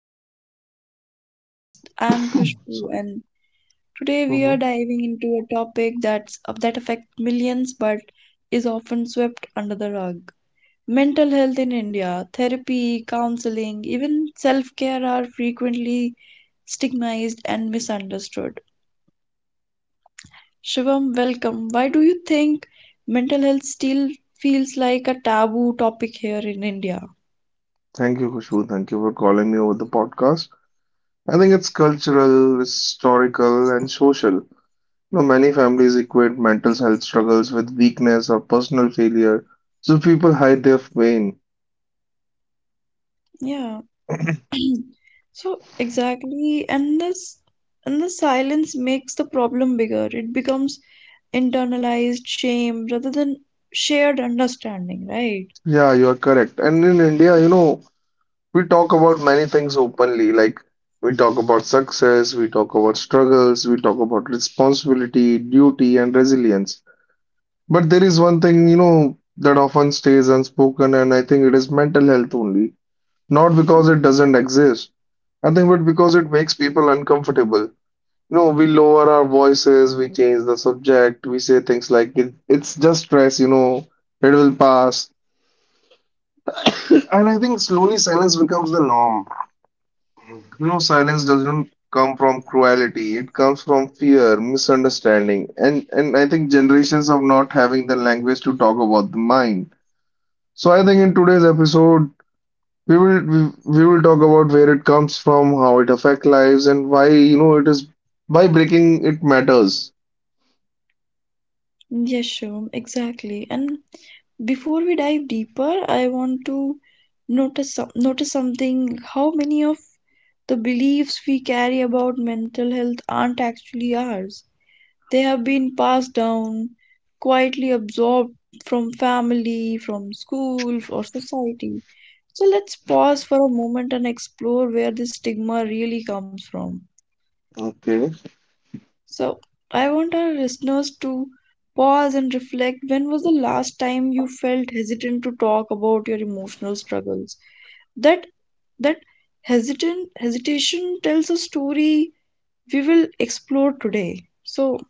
and welcome back to the podcast. I'm Khushbu Sorry. and today we are hmm diving into a topic that affects millions but is often swept under the rug. Mental health in India, therapy, counseling, even self-care are frequently stigmatized and misunderstood. Shivam, welcome. Why do you think mental health still feels like a taboo topic here in India? Thank you, Khushbu. Thank you for calling me over the podcast. I think it's cultural, historical, and social. You know, many families equate mental health struggles with weakness or personal failure, so people hide their pain. Yeah. So exactly, and this and the silence makes the problem bigger. It becomes internalized shame rather than shared understanding, right? Yeah, you are correct. And in India, you know, we talk about many things openly. Like we talk about success, we talk about struggles, we talk about responsibility, duty, and resilience. But there is one thing, you know, that often stays unspoken, and I think it is mental health only. Not because it Mm. doesn't exist, I think, but because it makes people uncomfortable. You know, we lower our voices, we change the subject, we say things like, it's just stress, you know, it will pass. And I think slowly silence becomes the norm. You know, silence doesn't come from cruelty, it comes from fear, misunderstanding, and I think generations of not having the language to talk about the mind. So I think in today's episode we will talk about where it comes from, how it affects lives, and why you know it is by breaking it matters. Yes, sure, exactly. And before we dive deeper, I want to notice something. How many of the beliefs we carry about mental health aren't actually ours? They have been passed down, quietly absorbed from family, from school, or society. So let's pause for a moment and explore where this stigma really comes from. Okay. So, I want our listeners to pause and reflect when was the last time you felt hesitant to talk about your emotional struggles? That that hesitant hesitation tells a story we will explore today. So,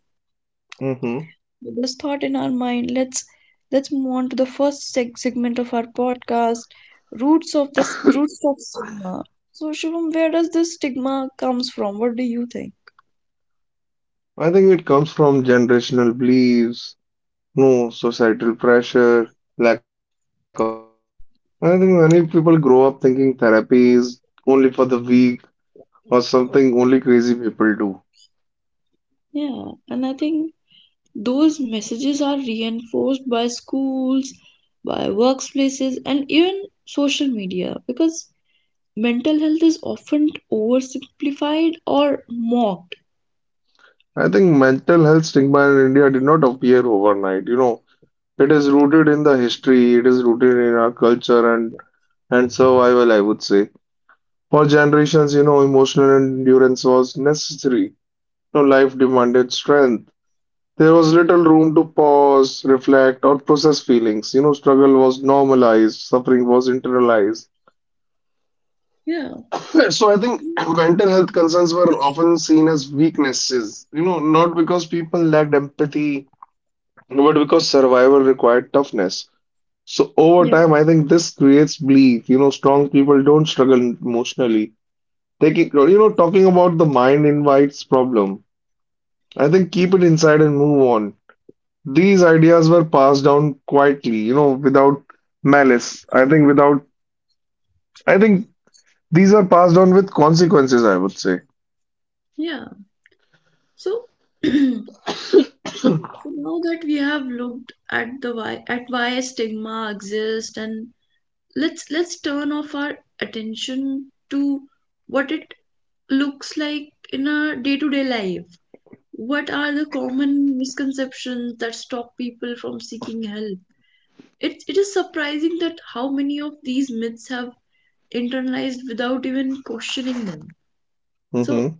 hmm with this thought in our mind, let's move on to the first segment of our podcast, roots of roots of stigma. So, Shivam, where does this stigma comes from? What do you think? I think it comes from generational beliefs, no societal pressure, lack of awareness. I think many people grow up thinking therapy is only for the weak or something only crazy people do. Yeah, and I think those messages are reinforced by schools, by workplaces, and even social media because mental health is often oversimplified or mocked. I think mental health stigma in India did not appear overnight. You know, it is rooted in the history, it is rooted in our culture and survival, I would say. For generations, you know, emotional endurance was necessary. You know, life demanded strength. There was little room to pause, reflect, or process feelings. You know, struggle was normalized, suffering was internalized. Yeah, So I think mental health concerns were often seen as weaknesses, you know, not because people lacked empathy, but because survival required toughness. So over Yeah, time, I think this creates belief. You know, strong people don't struggle emotionally. Taking, you know, talking about the mind invites problem. I think keep it inside and move on. These ideas were passed down quietly, you know, without malice. I think without, I think these are passed on with consequences, I would say. yeah. So, now that we have looked at the why at why stigma exists and let's turn off our attention to what it looks like in our day-to-day life. What are the common misconceptions that stop people from seeking help? It is surprising that how many of these myths have internalized without even questioning them. So Mm-hmm.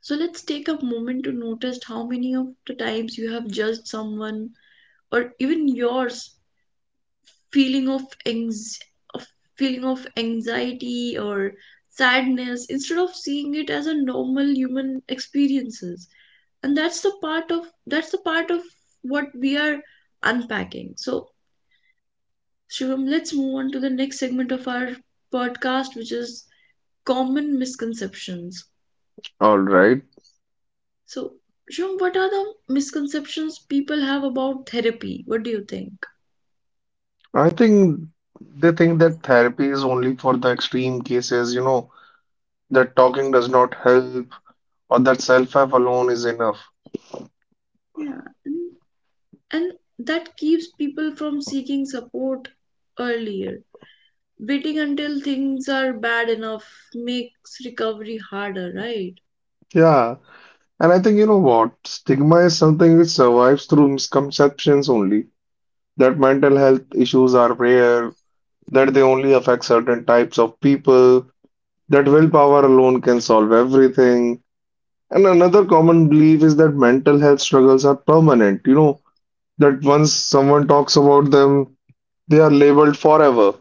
let's take a moment to notice how many of the times you have judged someone or even yours feeling of, anx- of feeling of anxiety or sadness instead of seeing it as a normal human experiences and that's the part of what we are unpacking, so Shivam, let's move on to the next segment of our podcast, which is common misconceptions. All right. So Shivam, what are the misconceptions people have about therapy? What do you think? I think they think that therapy is only for the extreme cases, you know, that talking does not help or that self-help alone is enough. Yeah, and that keeps people from seeking support earlier. Waiting until things are bad enough makes recovery harder, right? Yeah, and I think you know what? Stigma is something which survives through misconceptions only. That mental health issues are rare, that they only affect certain types of people, that willpower alone can solve everything. And another common belief is that mental health struggles are permanent, you know, that once someone talks about them, they are labeled forever.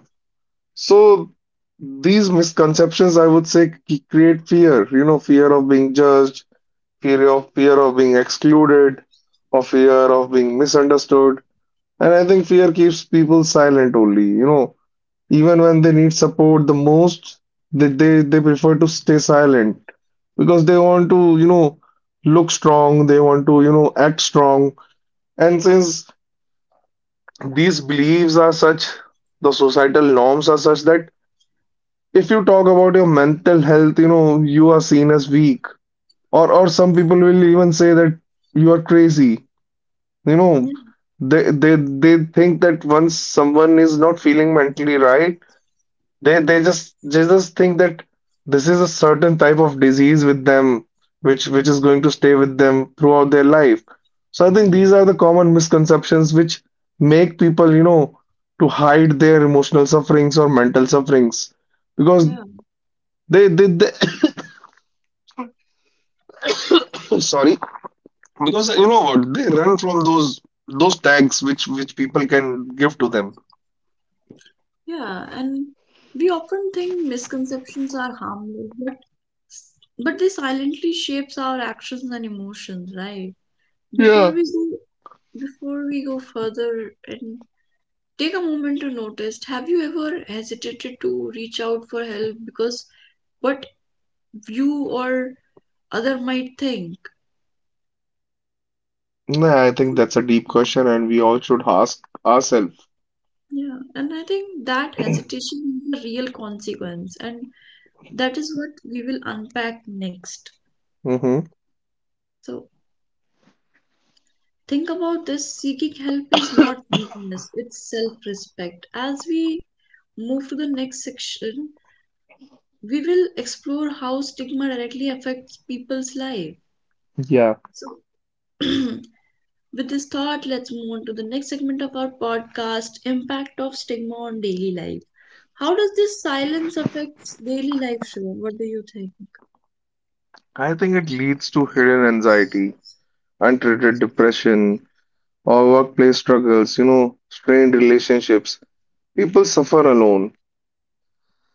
So these misconceptions, I would say, create fear, you know, fear of being judged, fear of being excluded, of fear of being misunderstood. And I think fear keeps people silent only, you know, even when they need support the most, they prefer to stay silent because they want to, you know, look strong, they want to, you know, act strong. And since these beliefs are such, the societal norms are such that if you talk about your mental health, you know, you are seen as weak. Or some people will even say that you are crazy. You know, Yeah, they think that once someone is not feeling mentally right, they just think that this is a certain type of disease with them, which is going to stay with them throughout their life. So I think yeah, these are the common misconceptions which make people, you know, to hide their emotional sufferings or mental sufferings because yeah, they sorry, because you know what, they run from those tags which people can give to them. yeah. And we often think misconceptions are harmless, but they silently shapes our actions and emotions, right? Before Yeah. we go, Before we go further and take a moment to notice, have you ever hesitated to reach out for help because what you or other might think. No, I think that's a deep question, and we all should ask ourselves. Yeah, and I think that hesitation is a real consequence, and that is what we will unpack next. hmm So, think about this seeking help is not weakness, it's self respect. As we move to the next section, we will explore how stigma directly affects people's life. Yeah. So, With this thought, let's move on to the next segment of our podcast, Impact of Stigma on Daily Life. How does this silence affect daily life, Shivam? What do you think? I think it leads to hidden anxiety, untreated depression, or workplace struggles, you know, strained relationships. People suffer alone.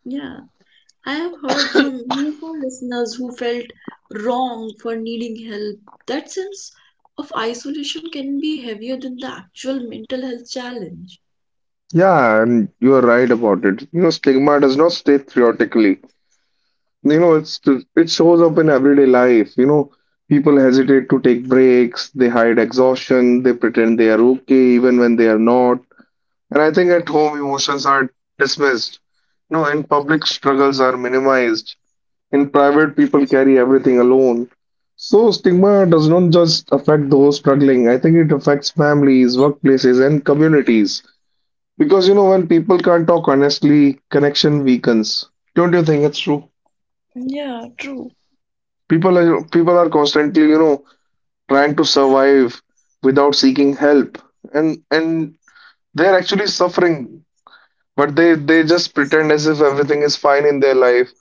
Yeah, I have heard from many of our listeners who felt wrong for needing help. That sense of isolation can be heavier than the actual mental health challenge. Yeah, and you are right about it. You know, stigma does not stay theoretically. You know, it shows up in everyday life. You know, people hesitate to take breaks, they hide exhaustion, they pretend they are okay even when they are not. And I think at home, emotions are dismissed. No, in public, struggles are minimized. In private, people carry everything alone. So, stigma does not just affect those struggling. I think it affects families, workplaces, and communities. Because, you know, when people can't talk honestly, connection weakens. Don't you think it's true? Yeah, true. People are constantly, you know, trying to survive without seeking help. And they're actually suffering but they just pretend as if everything is fine in their life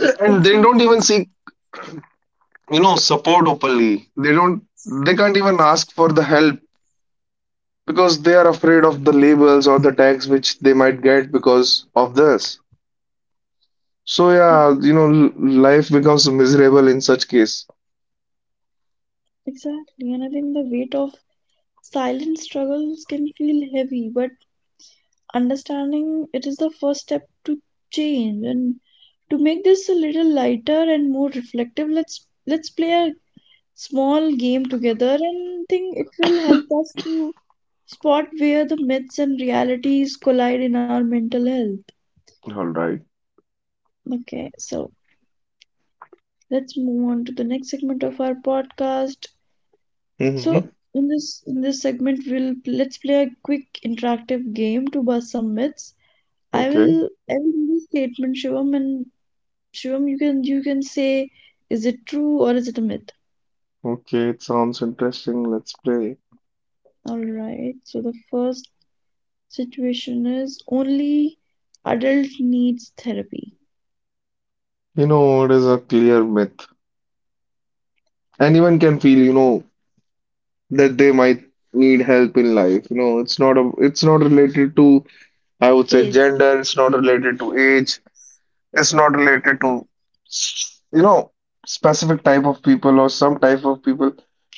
and they don't Exactly. even seek, you know, support openly. They don't, they can't even ask for the help because they are afraid of the labels or the tags which they might get because of this. So I yeah, think- you know, life becomes miserable in such case. Exactly. And I think the weight of silent struggles can feel heavy, but understanding it is the first step to change, and to make this a little lighter and more reflective, let's play a small game together, and I think it will help us to spot where the myths and realities collide in our mental health. All right. Okay, so let's move on to the next segment of our podcast. So Mm-hmm. In this segment we'll let's play a quick interactive game to bust some myths. i Okay. will i will do the statement, Shivam, and Shivam, you can say, is it true or is it a myth? Okay, it sounds interesting, let's play. All right. So the first situation is only adult needs therapy. You know, it is a clear myth. Anyone can feel, you know, that they might need help in life. You know, it's not a, it's not related to, I would say, AIDS. gender. It's not related to age. It's not related to, you know, specific type of people or some type of people.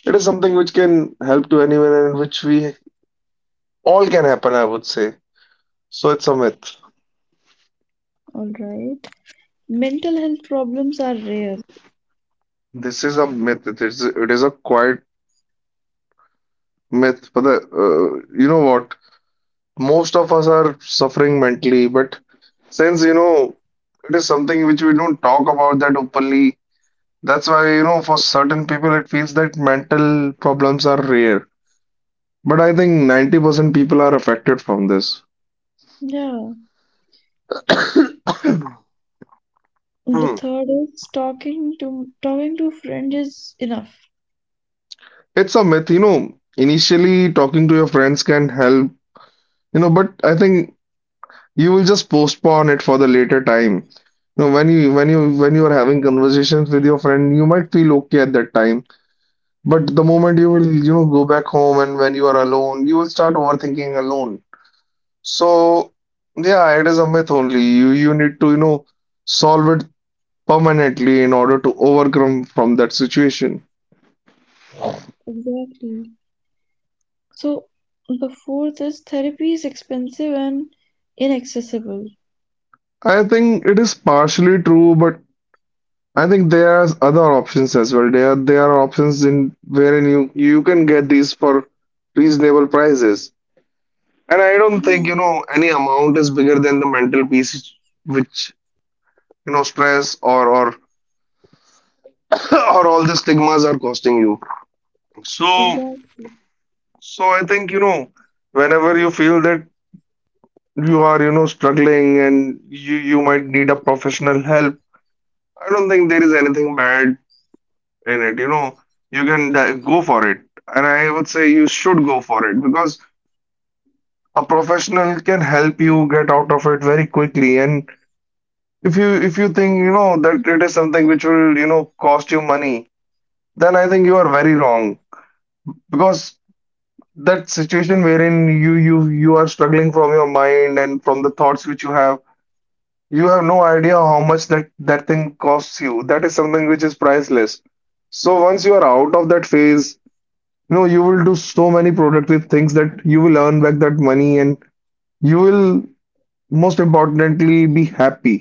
It is something which can help to anyone and which we all can happen, I would say. So it's a myth. All right. Mental health problems are rare. This is a myth. It is a quiet myth. But the, you know what? Most of us are suffering mentally, but since you know it is something which we don't talk about that openly, that's why you know for certain people it feels that mental problems are rare. But I think 90% people are affected from this. Yeah. The Hmm. third is talking to a friend is enough. It's a myth, you know. Initially, talking to your friends can help, you know, but I think you will just postpone it for the later time. You know, when you are having conversations with your friend, you might feel okay at that time. But the moment you will, you know, go back home and when you are alone, you will start overthinking alone. So, yeah, it is a myth only. You need to, you know, solve it permanently in order to overcome from that situation. Exactly. So the fourth is therapy is expensive and inaccessible. I think it is partially true, but I think there are other options as well. There are options in wherein you, you can get these for reasonable prices. And I don't think, Mm, you know, any amount is bigger than the mental piece which, you know, stress or or all the stigmas are costing you. So, exactly. so I think, you know, whenever you feel that you are, you know, struggling and you might need a professional help, I don't think there is anything bad in it. You know, you can go for it, and I would say you should go for it because a professional can help you get out of it very quickly. And if you think, you know, that it is something which will, you know, cost you money, then I think you are very wrong because that situation wherein you are struggling from your mind and from the thoughts which you have, you have no idea how much that thing costs you. That is something which is priceless. So once you are out of that phase, you know, you will do so many productive things that you will earn back that money, and you will most importantly be happy.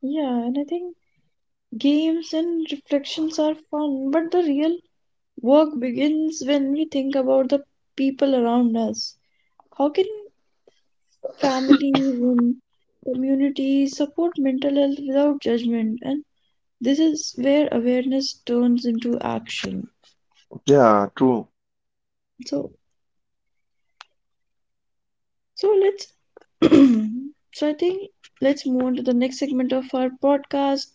Yeah, and I think games and reflections are fun, but the real work begins when we think about the people around us. How can families and communities support mental health without judgment? And this is where awareness turns into action. Yeah, true. So, so let's. so I think let's move on to the next segment of our podcast.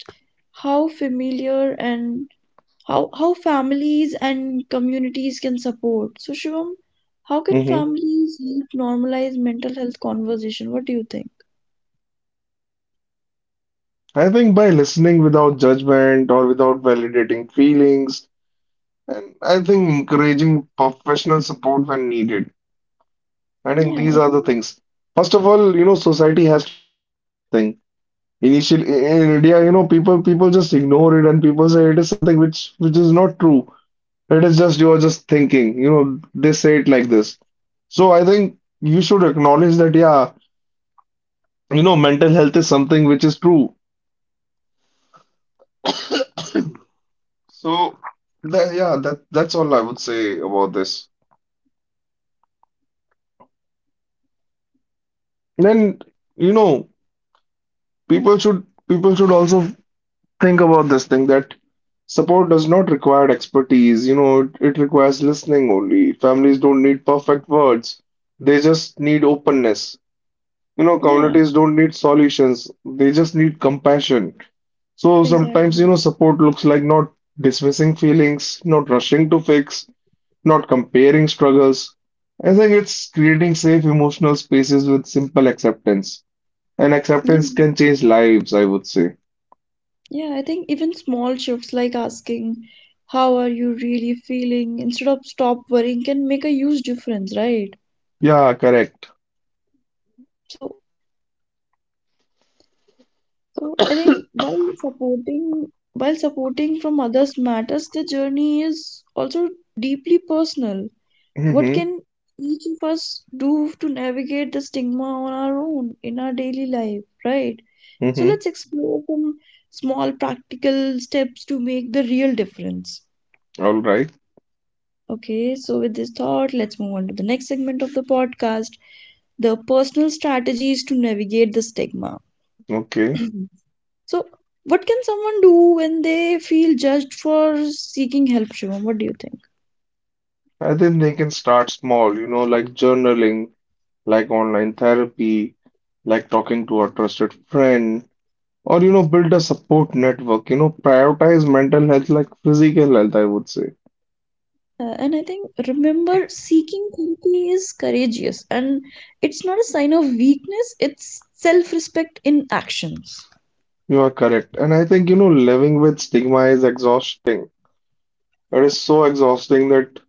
How familiar and how families and communities can support. So Shivam, how can hmm families help normalize mental health conversation? What do you think? I think by listening without judgment or without validating feelings, and I think encouraging professional support when needed. I think Yeah, these I are think the things. First of all, you know, society has to acknowledge this thing. Initially, in India, you know, people just ignore it, and people say it is something which is not true. It is just you are just thinking. You know, they say it like this. So I think you should acknowledge that, yeah, you know, mental health is something which is true. So that, yeah, that's all I would say about this. Then, you know, people should also think about this thing that support does not require expertise, you know, it requires listening only. Families don't need perfect words, they just need openness. You know, yeah, communities don't need solutions, they just need compassion. So sometimes, you exactly. know, support looks like not dismissing feelings, not rushing to fix, not comparing struggles. I think it's creating safe emotional spaces with simple acceptance. And Yeah. acceptance can change lives, I would say. Yeah, I think even small shifts like asking how are you really feeling instead of stop worrying can make a huge difference, right? Yeah, correct. So I think while supporting from others matters, the journey is also deeply personal. What hmm can each of us do to navigate the stigma on our own in our daily life, right? So hmm let's explore some small practical steps to make the real difference. All right. Okay, so with this thought, let's move on to the next segment of the podcast, the personal strategies to navigate the stigma. Okay. so, what can someone do when they feel judged for seeking help, Shivam? What do you think? I think they can start small, you know, like journaling, like online therapy, like talking to a trusted friend, or, you know, build a support network. You know, prioritize mental health like physical health, I would say. And I think remember seeking therapy is courageous, and it's not a sign of weakness, it's self respect in actions. You are correct. And I think, you know, living with stigma is exhausting. It is so exhausting that,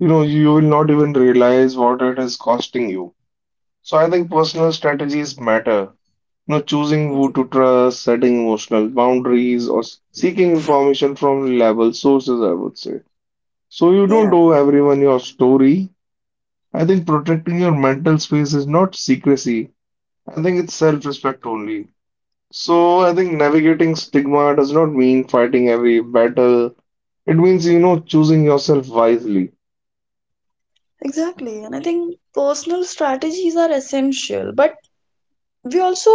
you know, you will not even realize what it is costing you. So I think personal strategies matter. You know, choosing who to trust, setting emotional boundaries, or seeking information from reliable sources, I would say. So you don't Yeah, owe everyone your story. I think protecting your mental space is not secrecy. I think it's self-respect only. So I think navigating stigma does not mean fighting every battle. It means, you know, choosing yourself wisely. exactly. And I think personal strategies are essential, but we also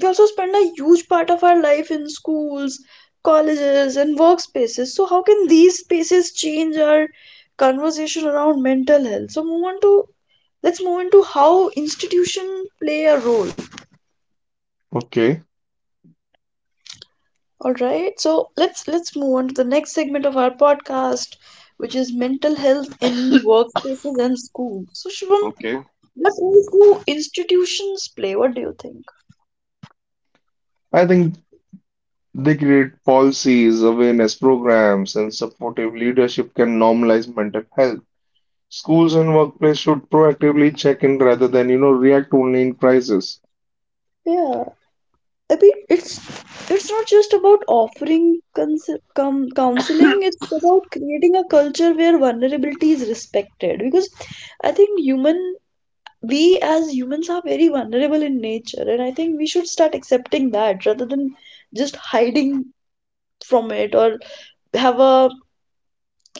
we also spend a huge part of our life in schools, colleges, and workspaces. So how can these spaces change our conversation around mental health? So move on to let's move into how institutions play a role. Okay. All right. So let's move on to the next segment of our podcast, which is mental health in workplaces and schools. So Shubham, Okay. what role do institutions play? What do you think? I think they create policies, awareness programs, and supportive leadership can normalize mental health. Schools and workplace should proactively check in rather than, you know, react only in crisis. Yeah, I mean it's not just about offering cons com counseling, it's about creating a culture where vulnerability is respected, because I think human we as humans are very vulnerable in nature, and I think we should start accepting that rather than just hiding from it, have a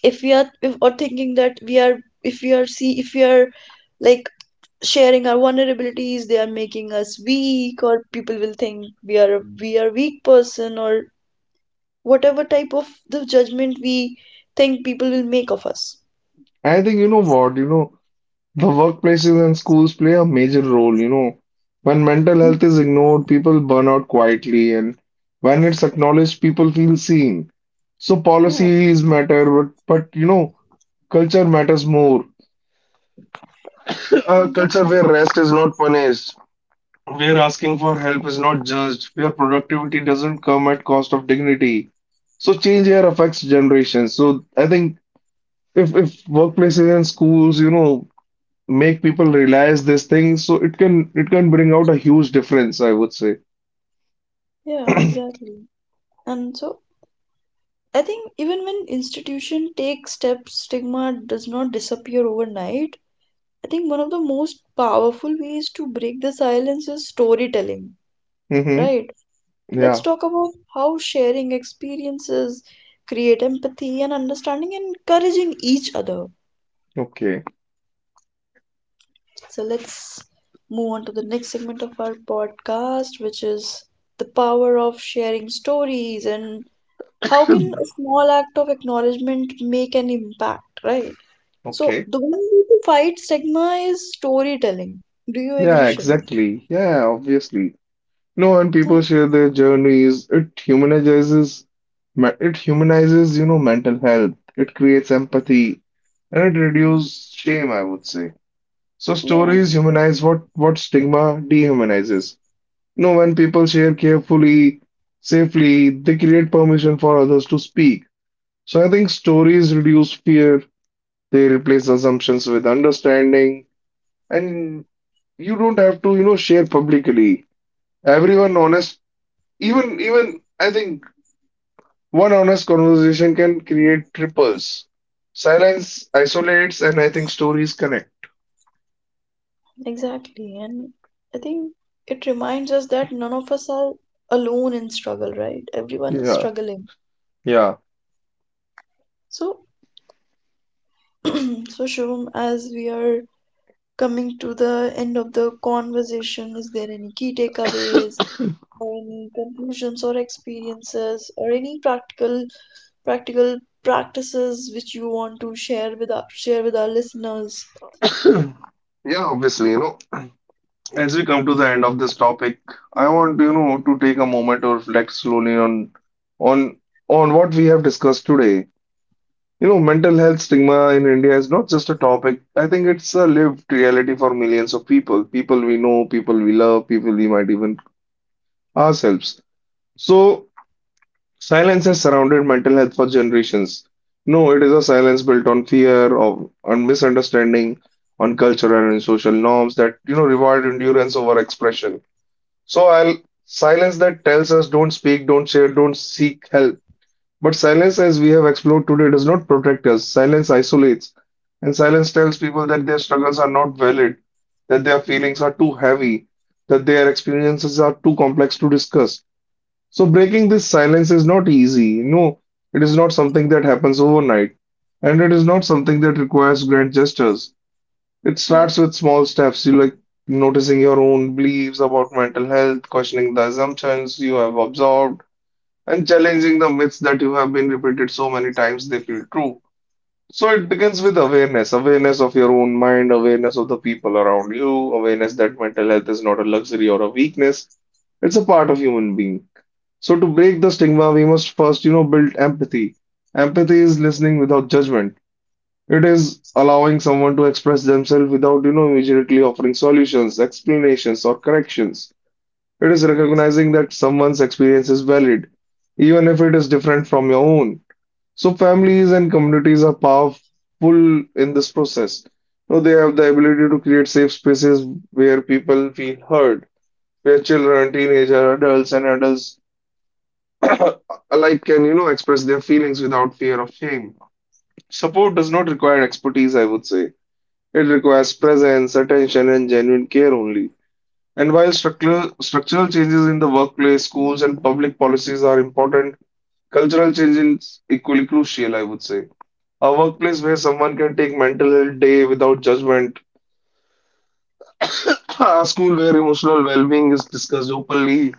or thinking that we are if we are see if we are like sharing our vulnerabilities they are making us weak, or people will think we are weak person or whatever type of the judgment we think people will make of us. And I think, you know what, you know, the workplaces and schools play a major role, you know. When mental health is ignored, people burn out quietly, and when it's acknowledged, people feel seen. So Yeah, policies matter, but you know, culture matters more. A culture where exactly. rest is not punished, where asking for help is not judged, where productivity doesn't come at cost of dignity. So change here affects generations. So I think if workplaces and schools, you know, make people realize this thing, so it can bring out a huge difference, I would say. Yeah, exactly. And so I think even when institution take steps stigma does not disappear overnight. I think one of the most powerful ways to break the silence is storytelling, Mm-hmm. right? Let's Yeah. talk about how sharing experiences create empathy and understanding and encouraging each other. Okay. So let's move on to the next segment of our podcast, which is the power of sharing stories, and how can a small act of acknowledgement make an impact, right? So Okay. the one way to fight stigma is storytelling. Do you agree, Yeah, Shivam? exactly. Yeah, obviously. No, and people share their journeys. It humanizes, it humanizes, you know, mental health. It creates empathy, and it reduces shame, I would say. So Yeah. stories humanize what stigma dehumanizes. No, when people share carefully, safely, they create permission for others to speak. So I think stories reduce fear. They replace assumptions with understanding, and you don't have to, you know, share publicly. Everyone honest even I think one honest conversation can create triples. Silence isolates, and I think stories connect. Exactly. And I think it reminds us that none of us are alone in struggle, right? Everyone is Yeah, struggling. yeah. So, so Shivam, as we are coming to the end of the conversation, is there any key takeaways or any conclusions or experiences or any practical practices which you want to share with our listeners? Yeah, obviously, you know, as we come to the end of this topic, I want, you know, to take a moment to reflect slowly on on what we have discussed today. You know, mental health stigma in India is not just a topic. I think it's a lived reality for millions of people, people we know, people we love, people we might even ourselves. So silence has surrounded mental health for generations. No, it is a silence built on fear, of, on misunderstanding, on cultural and social norms that, you know, reward endurance over expression. So I'll silence that tells us don't speak, don't share, don't seek help. But silence, as we have explored today, does not protect us. Silence isolates. And silence tells people that their struggles are not valid, that their feelings are too heavy, that their experiences are too complex to discuss. So breaking this silence is not easy. No, it is not something that happens overnight, and it is not something that requires grand gestures. It Yeah. starts with small steps, you like noticing your own beliefs about mental health, questioning the assumptions you have absorbed, and challenging the myths that you have been repeated so many times they feel true. So it begins with awareness, awareness of your own mind, awareness of the people around you, awareness that mental health is not a luxury or a weakness, it's a part of human being. So to break the stigma, we must first, you know, build empathy. Empathy is listening without judgment. It is allowing someone to express themselves without, you know, immediately offering solutions, explanations, or corrections. It is recognizing that someone's experience is valid, even if it is different from your own. So families and communities are powerful in this process. So they have the ability to create safe spaces where people feel heard, where children, teenagers, adults, and adults alike can, you know, express their feelings without fear of shame. Support does not require expertise, I would say. It requires presence, attention, and genuine care only. And while structural changes in the workplace, schools, and public policies are important, cultural change is equally crucial, I would say. A workplace where someone can take mental health day without judgment, a school where emotional well-being is discussed openly,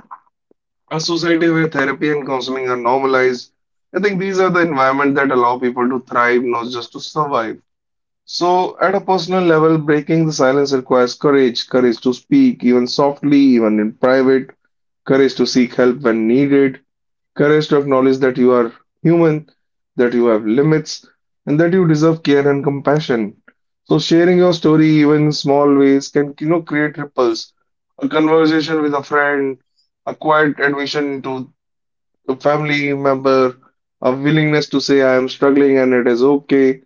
a society where therapy and counseling are normalized. I think these are the environment that allow people to thrive, not just to survive. So, at a personal level, breaking the silence requires courage, courage to speak, even softly, even in private, courage to seek help when needed, courage to acknowledge that you are human, that you have limits, and that you deserve care and compassion. So, sharing your story, even in small ways, can you know create ripples. A conversation with a friend, a quiet admission into a family member, a willingness to say I am struggling and it is okay.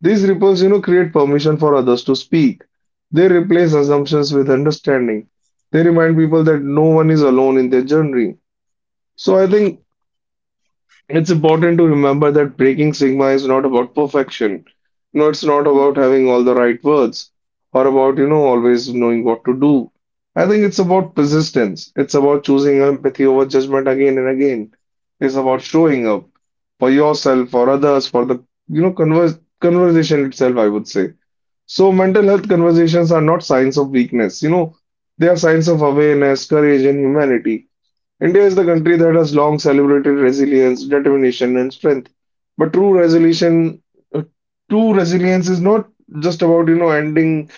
These ripples, you know, create permission for others to speak. They replace assumptions with understanding. They remind people that no one is alone in their journey. So I think it's important to remember that breaking stigma is not about perfection. You know, it's not Yeah. about having all the right words or about, you know, always knowing what to do. I think it's about persistence. It's about choosing empathy over judgment again and again. It's about showing up for yourself, for others, for the, you know, converse, conversation itself, I would say. So mental health conversations are not signs of weakness, you know, they are signs of awareness, courage, and humanity. India is the country that has long celebrated resilience, determination, and strength. But true resolution, uh, true resilience is not just about, you know, ending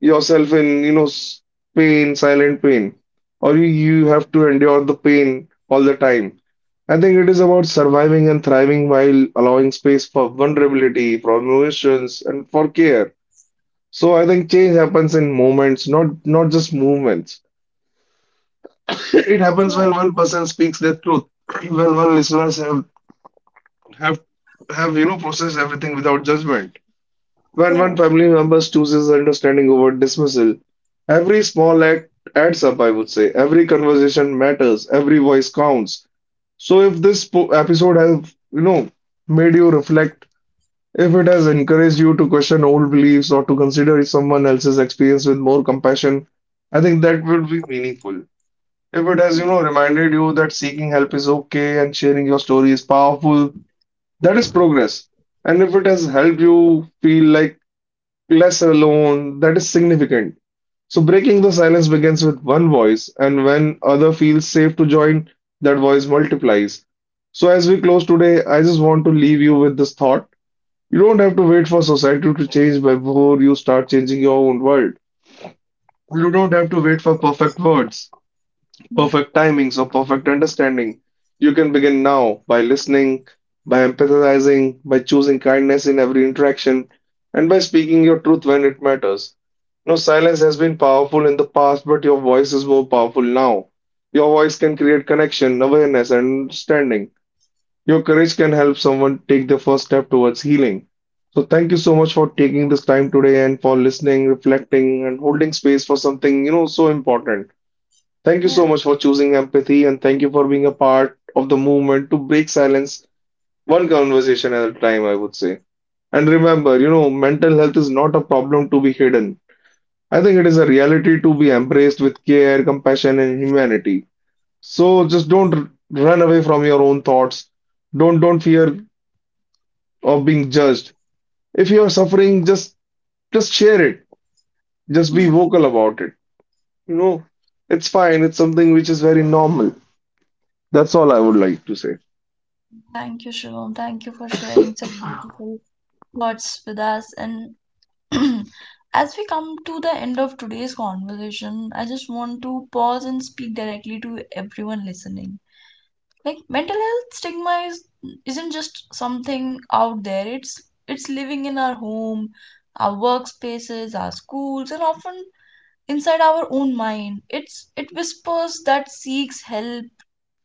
yourself in, you know, pain, silent pain, or you have to endure the pain all the time. I think it is about surviving and thriving while allowing space for vulnerability, for emotions, and for care. So I think change happens in moments, not just movements. It happens when one person speaks the truth, when one listeners have have you know processed everything without judgment, when one Yeah. family member chooses understanding over dismissal. Every small act adds up, I would say. Every conversation matters. Every voice counts. So if this episode has you know made you reflect, if it has encouraged you to question old beliefs or to consider someone else's experience with more compassion, I think that would be meaningful. If it has, Yeah. you know, reminded you that seeking help is okay and sharing your story is powerful, that is progress. And if it has helped you feel like less alone, that is significant. So breaking the silence begins with one voice, and when other feels safe to join, that voice multiplies. So as we close today, I just want to leave you with this thought. You don't have to wait for society to change before you start changing your own world. You don't have to wait for perfect words. Perfect timings or perfect understanding. You can begin now by listening, by empathizing, by choosing kindness in every interaction, and by speaking your truth when it matters. No silence has been powerful in the past, but your voice is more powerful now. Your voice can create connection, awareness, and understanding. Your courage can help someone take their first step towards healing. So, thank you so much for taking this time today and for listening, reflecting, and holding space for something, you know, so important. Thank you so Yeah. much for choosing empathy and thank you for being a part of the movement to break silence one conversation at a time, I would say. And remember, you know, mental health is not a problem to be hidden. I think it is a reality to be embraced with care, compassion, and humanity. So just don't r- run away from your own thoughts. Don't fear of being judged. If you are suffering, just share it. Just be Yeah. vocal about it. You know, it's fine. It's something which is very normal. That's all I would like to Thank you, Shivam. Thank you for sharing such beautiful thoughts with us. And as we come to the end of today's conversation, I just want to pause and speak directly to everyone listening. Like mental health stigma is isn't just something out there. It's living in our home, our workspaces, our schools, and often inside our own mind. It whispers that seeks help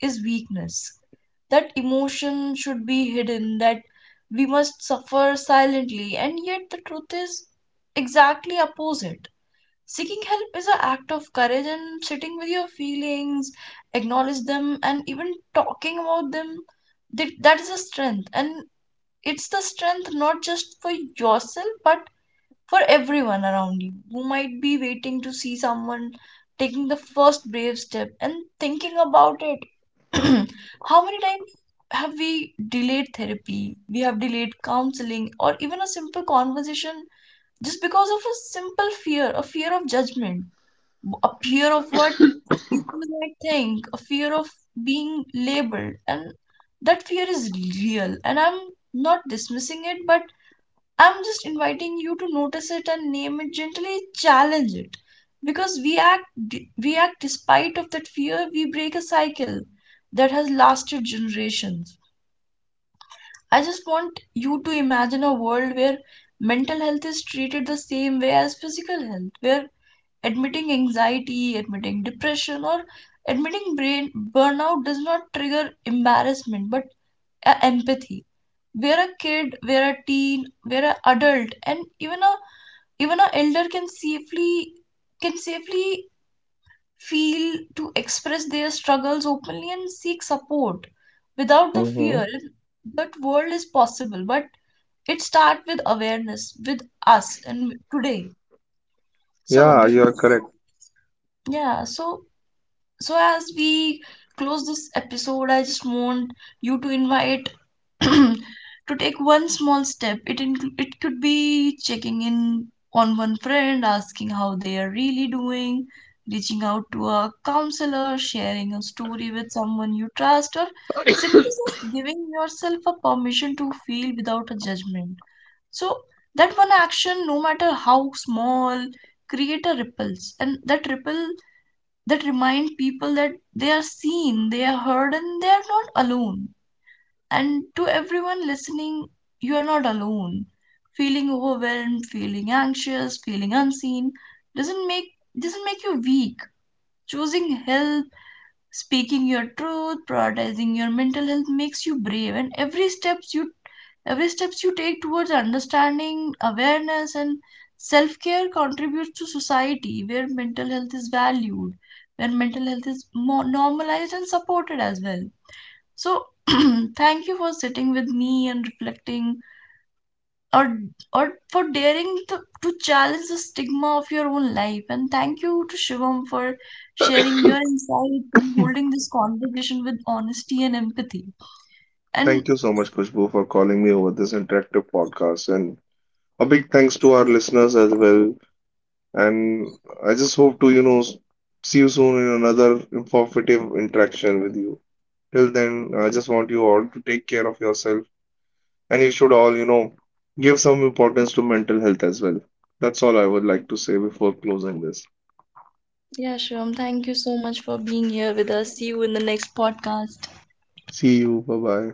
is weakness, that emotion should be hidden, that we must suffer silently, and yet the truth is exactly opposite. Seeking help is an act of courage, and sitting with your feelings, acknowledge them, and even talking about them. That is a strength, and it's the strength not just for yourself but for everyone around you. You might be waiting to see someone taking the first brave step and thinking about it. How many times have we delayed therapy? We have delayed counseling or even a simple conversation just because of a simple fear, a fear of judgment, a fear of what people might think, a fear of being labeled. And that fear is real. And I'm not dismissing it, but I'm just inviting you to notice it and name it gently, challenge it. Because we act despite of that fear, we break a cycle that has lasted generations. I just want you to imagine a world where mental health is treated the same way as physical health, where admitting anxiety, admitting depression, or admitting brain burnout does not trigger embarrassment but empathy. Where a kid, where a teen, where an adult, and even an elder can safely can safely feel to express their struggles openly and seek support without the say. fear that world is possible, but it starts with awareness with us and today. so Yeah, bef- you are correct. so- yeah so so as we close this episode, I just want you to invite to take one small step. It could be checking in on one friend, asking how they are really doing, reaching out to a counselor, sharing a story with someone you trust, or simply just giving yourself a permission to feel without a judgment. So that one action, no matter how small, create a ripples, and that ripple that remind people that they are seen, they are heard, and they are not alone. And to everyone listening, you are not alone. Feeling overwhelmed, feeling anxious, feeling unseen doesn't make doesn't make you weak. Choosing help, speaking your truth, prioritizing your mental health makes you brave. And every steps you take towards understanding, awareness, and self-care contributes to society where mental health is valued, where mental health is more normalized and supported as well. So thank you for sitting with me and reflecting or or for daring to challenge the stigma of your own life, and thank you to Shivam for sharing your insights and holding this conversation with honesty and empathy. Thank And you so much, Kushbu, for calling me over this interactive podcast. And a big thanks to our listeners as well. And I just hope to, you know, see you soon in another informative interaction with you. Till then, I just want you all to take care of yourself. And you should all, you know, give some importance to mental health as well. That's all I would like to say before closing this. yeah, Shivam, thank you so much for being here with us. See you in the next podcast. See you. Bye bye.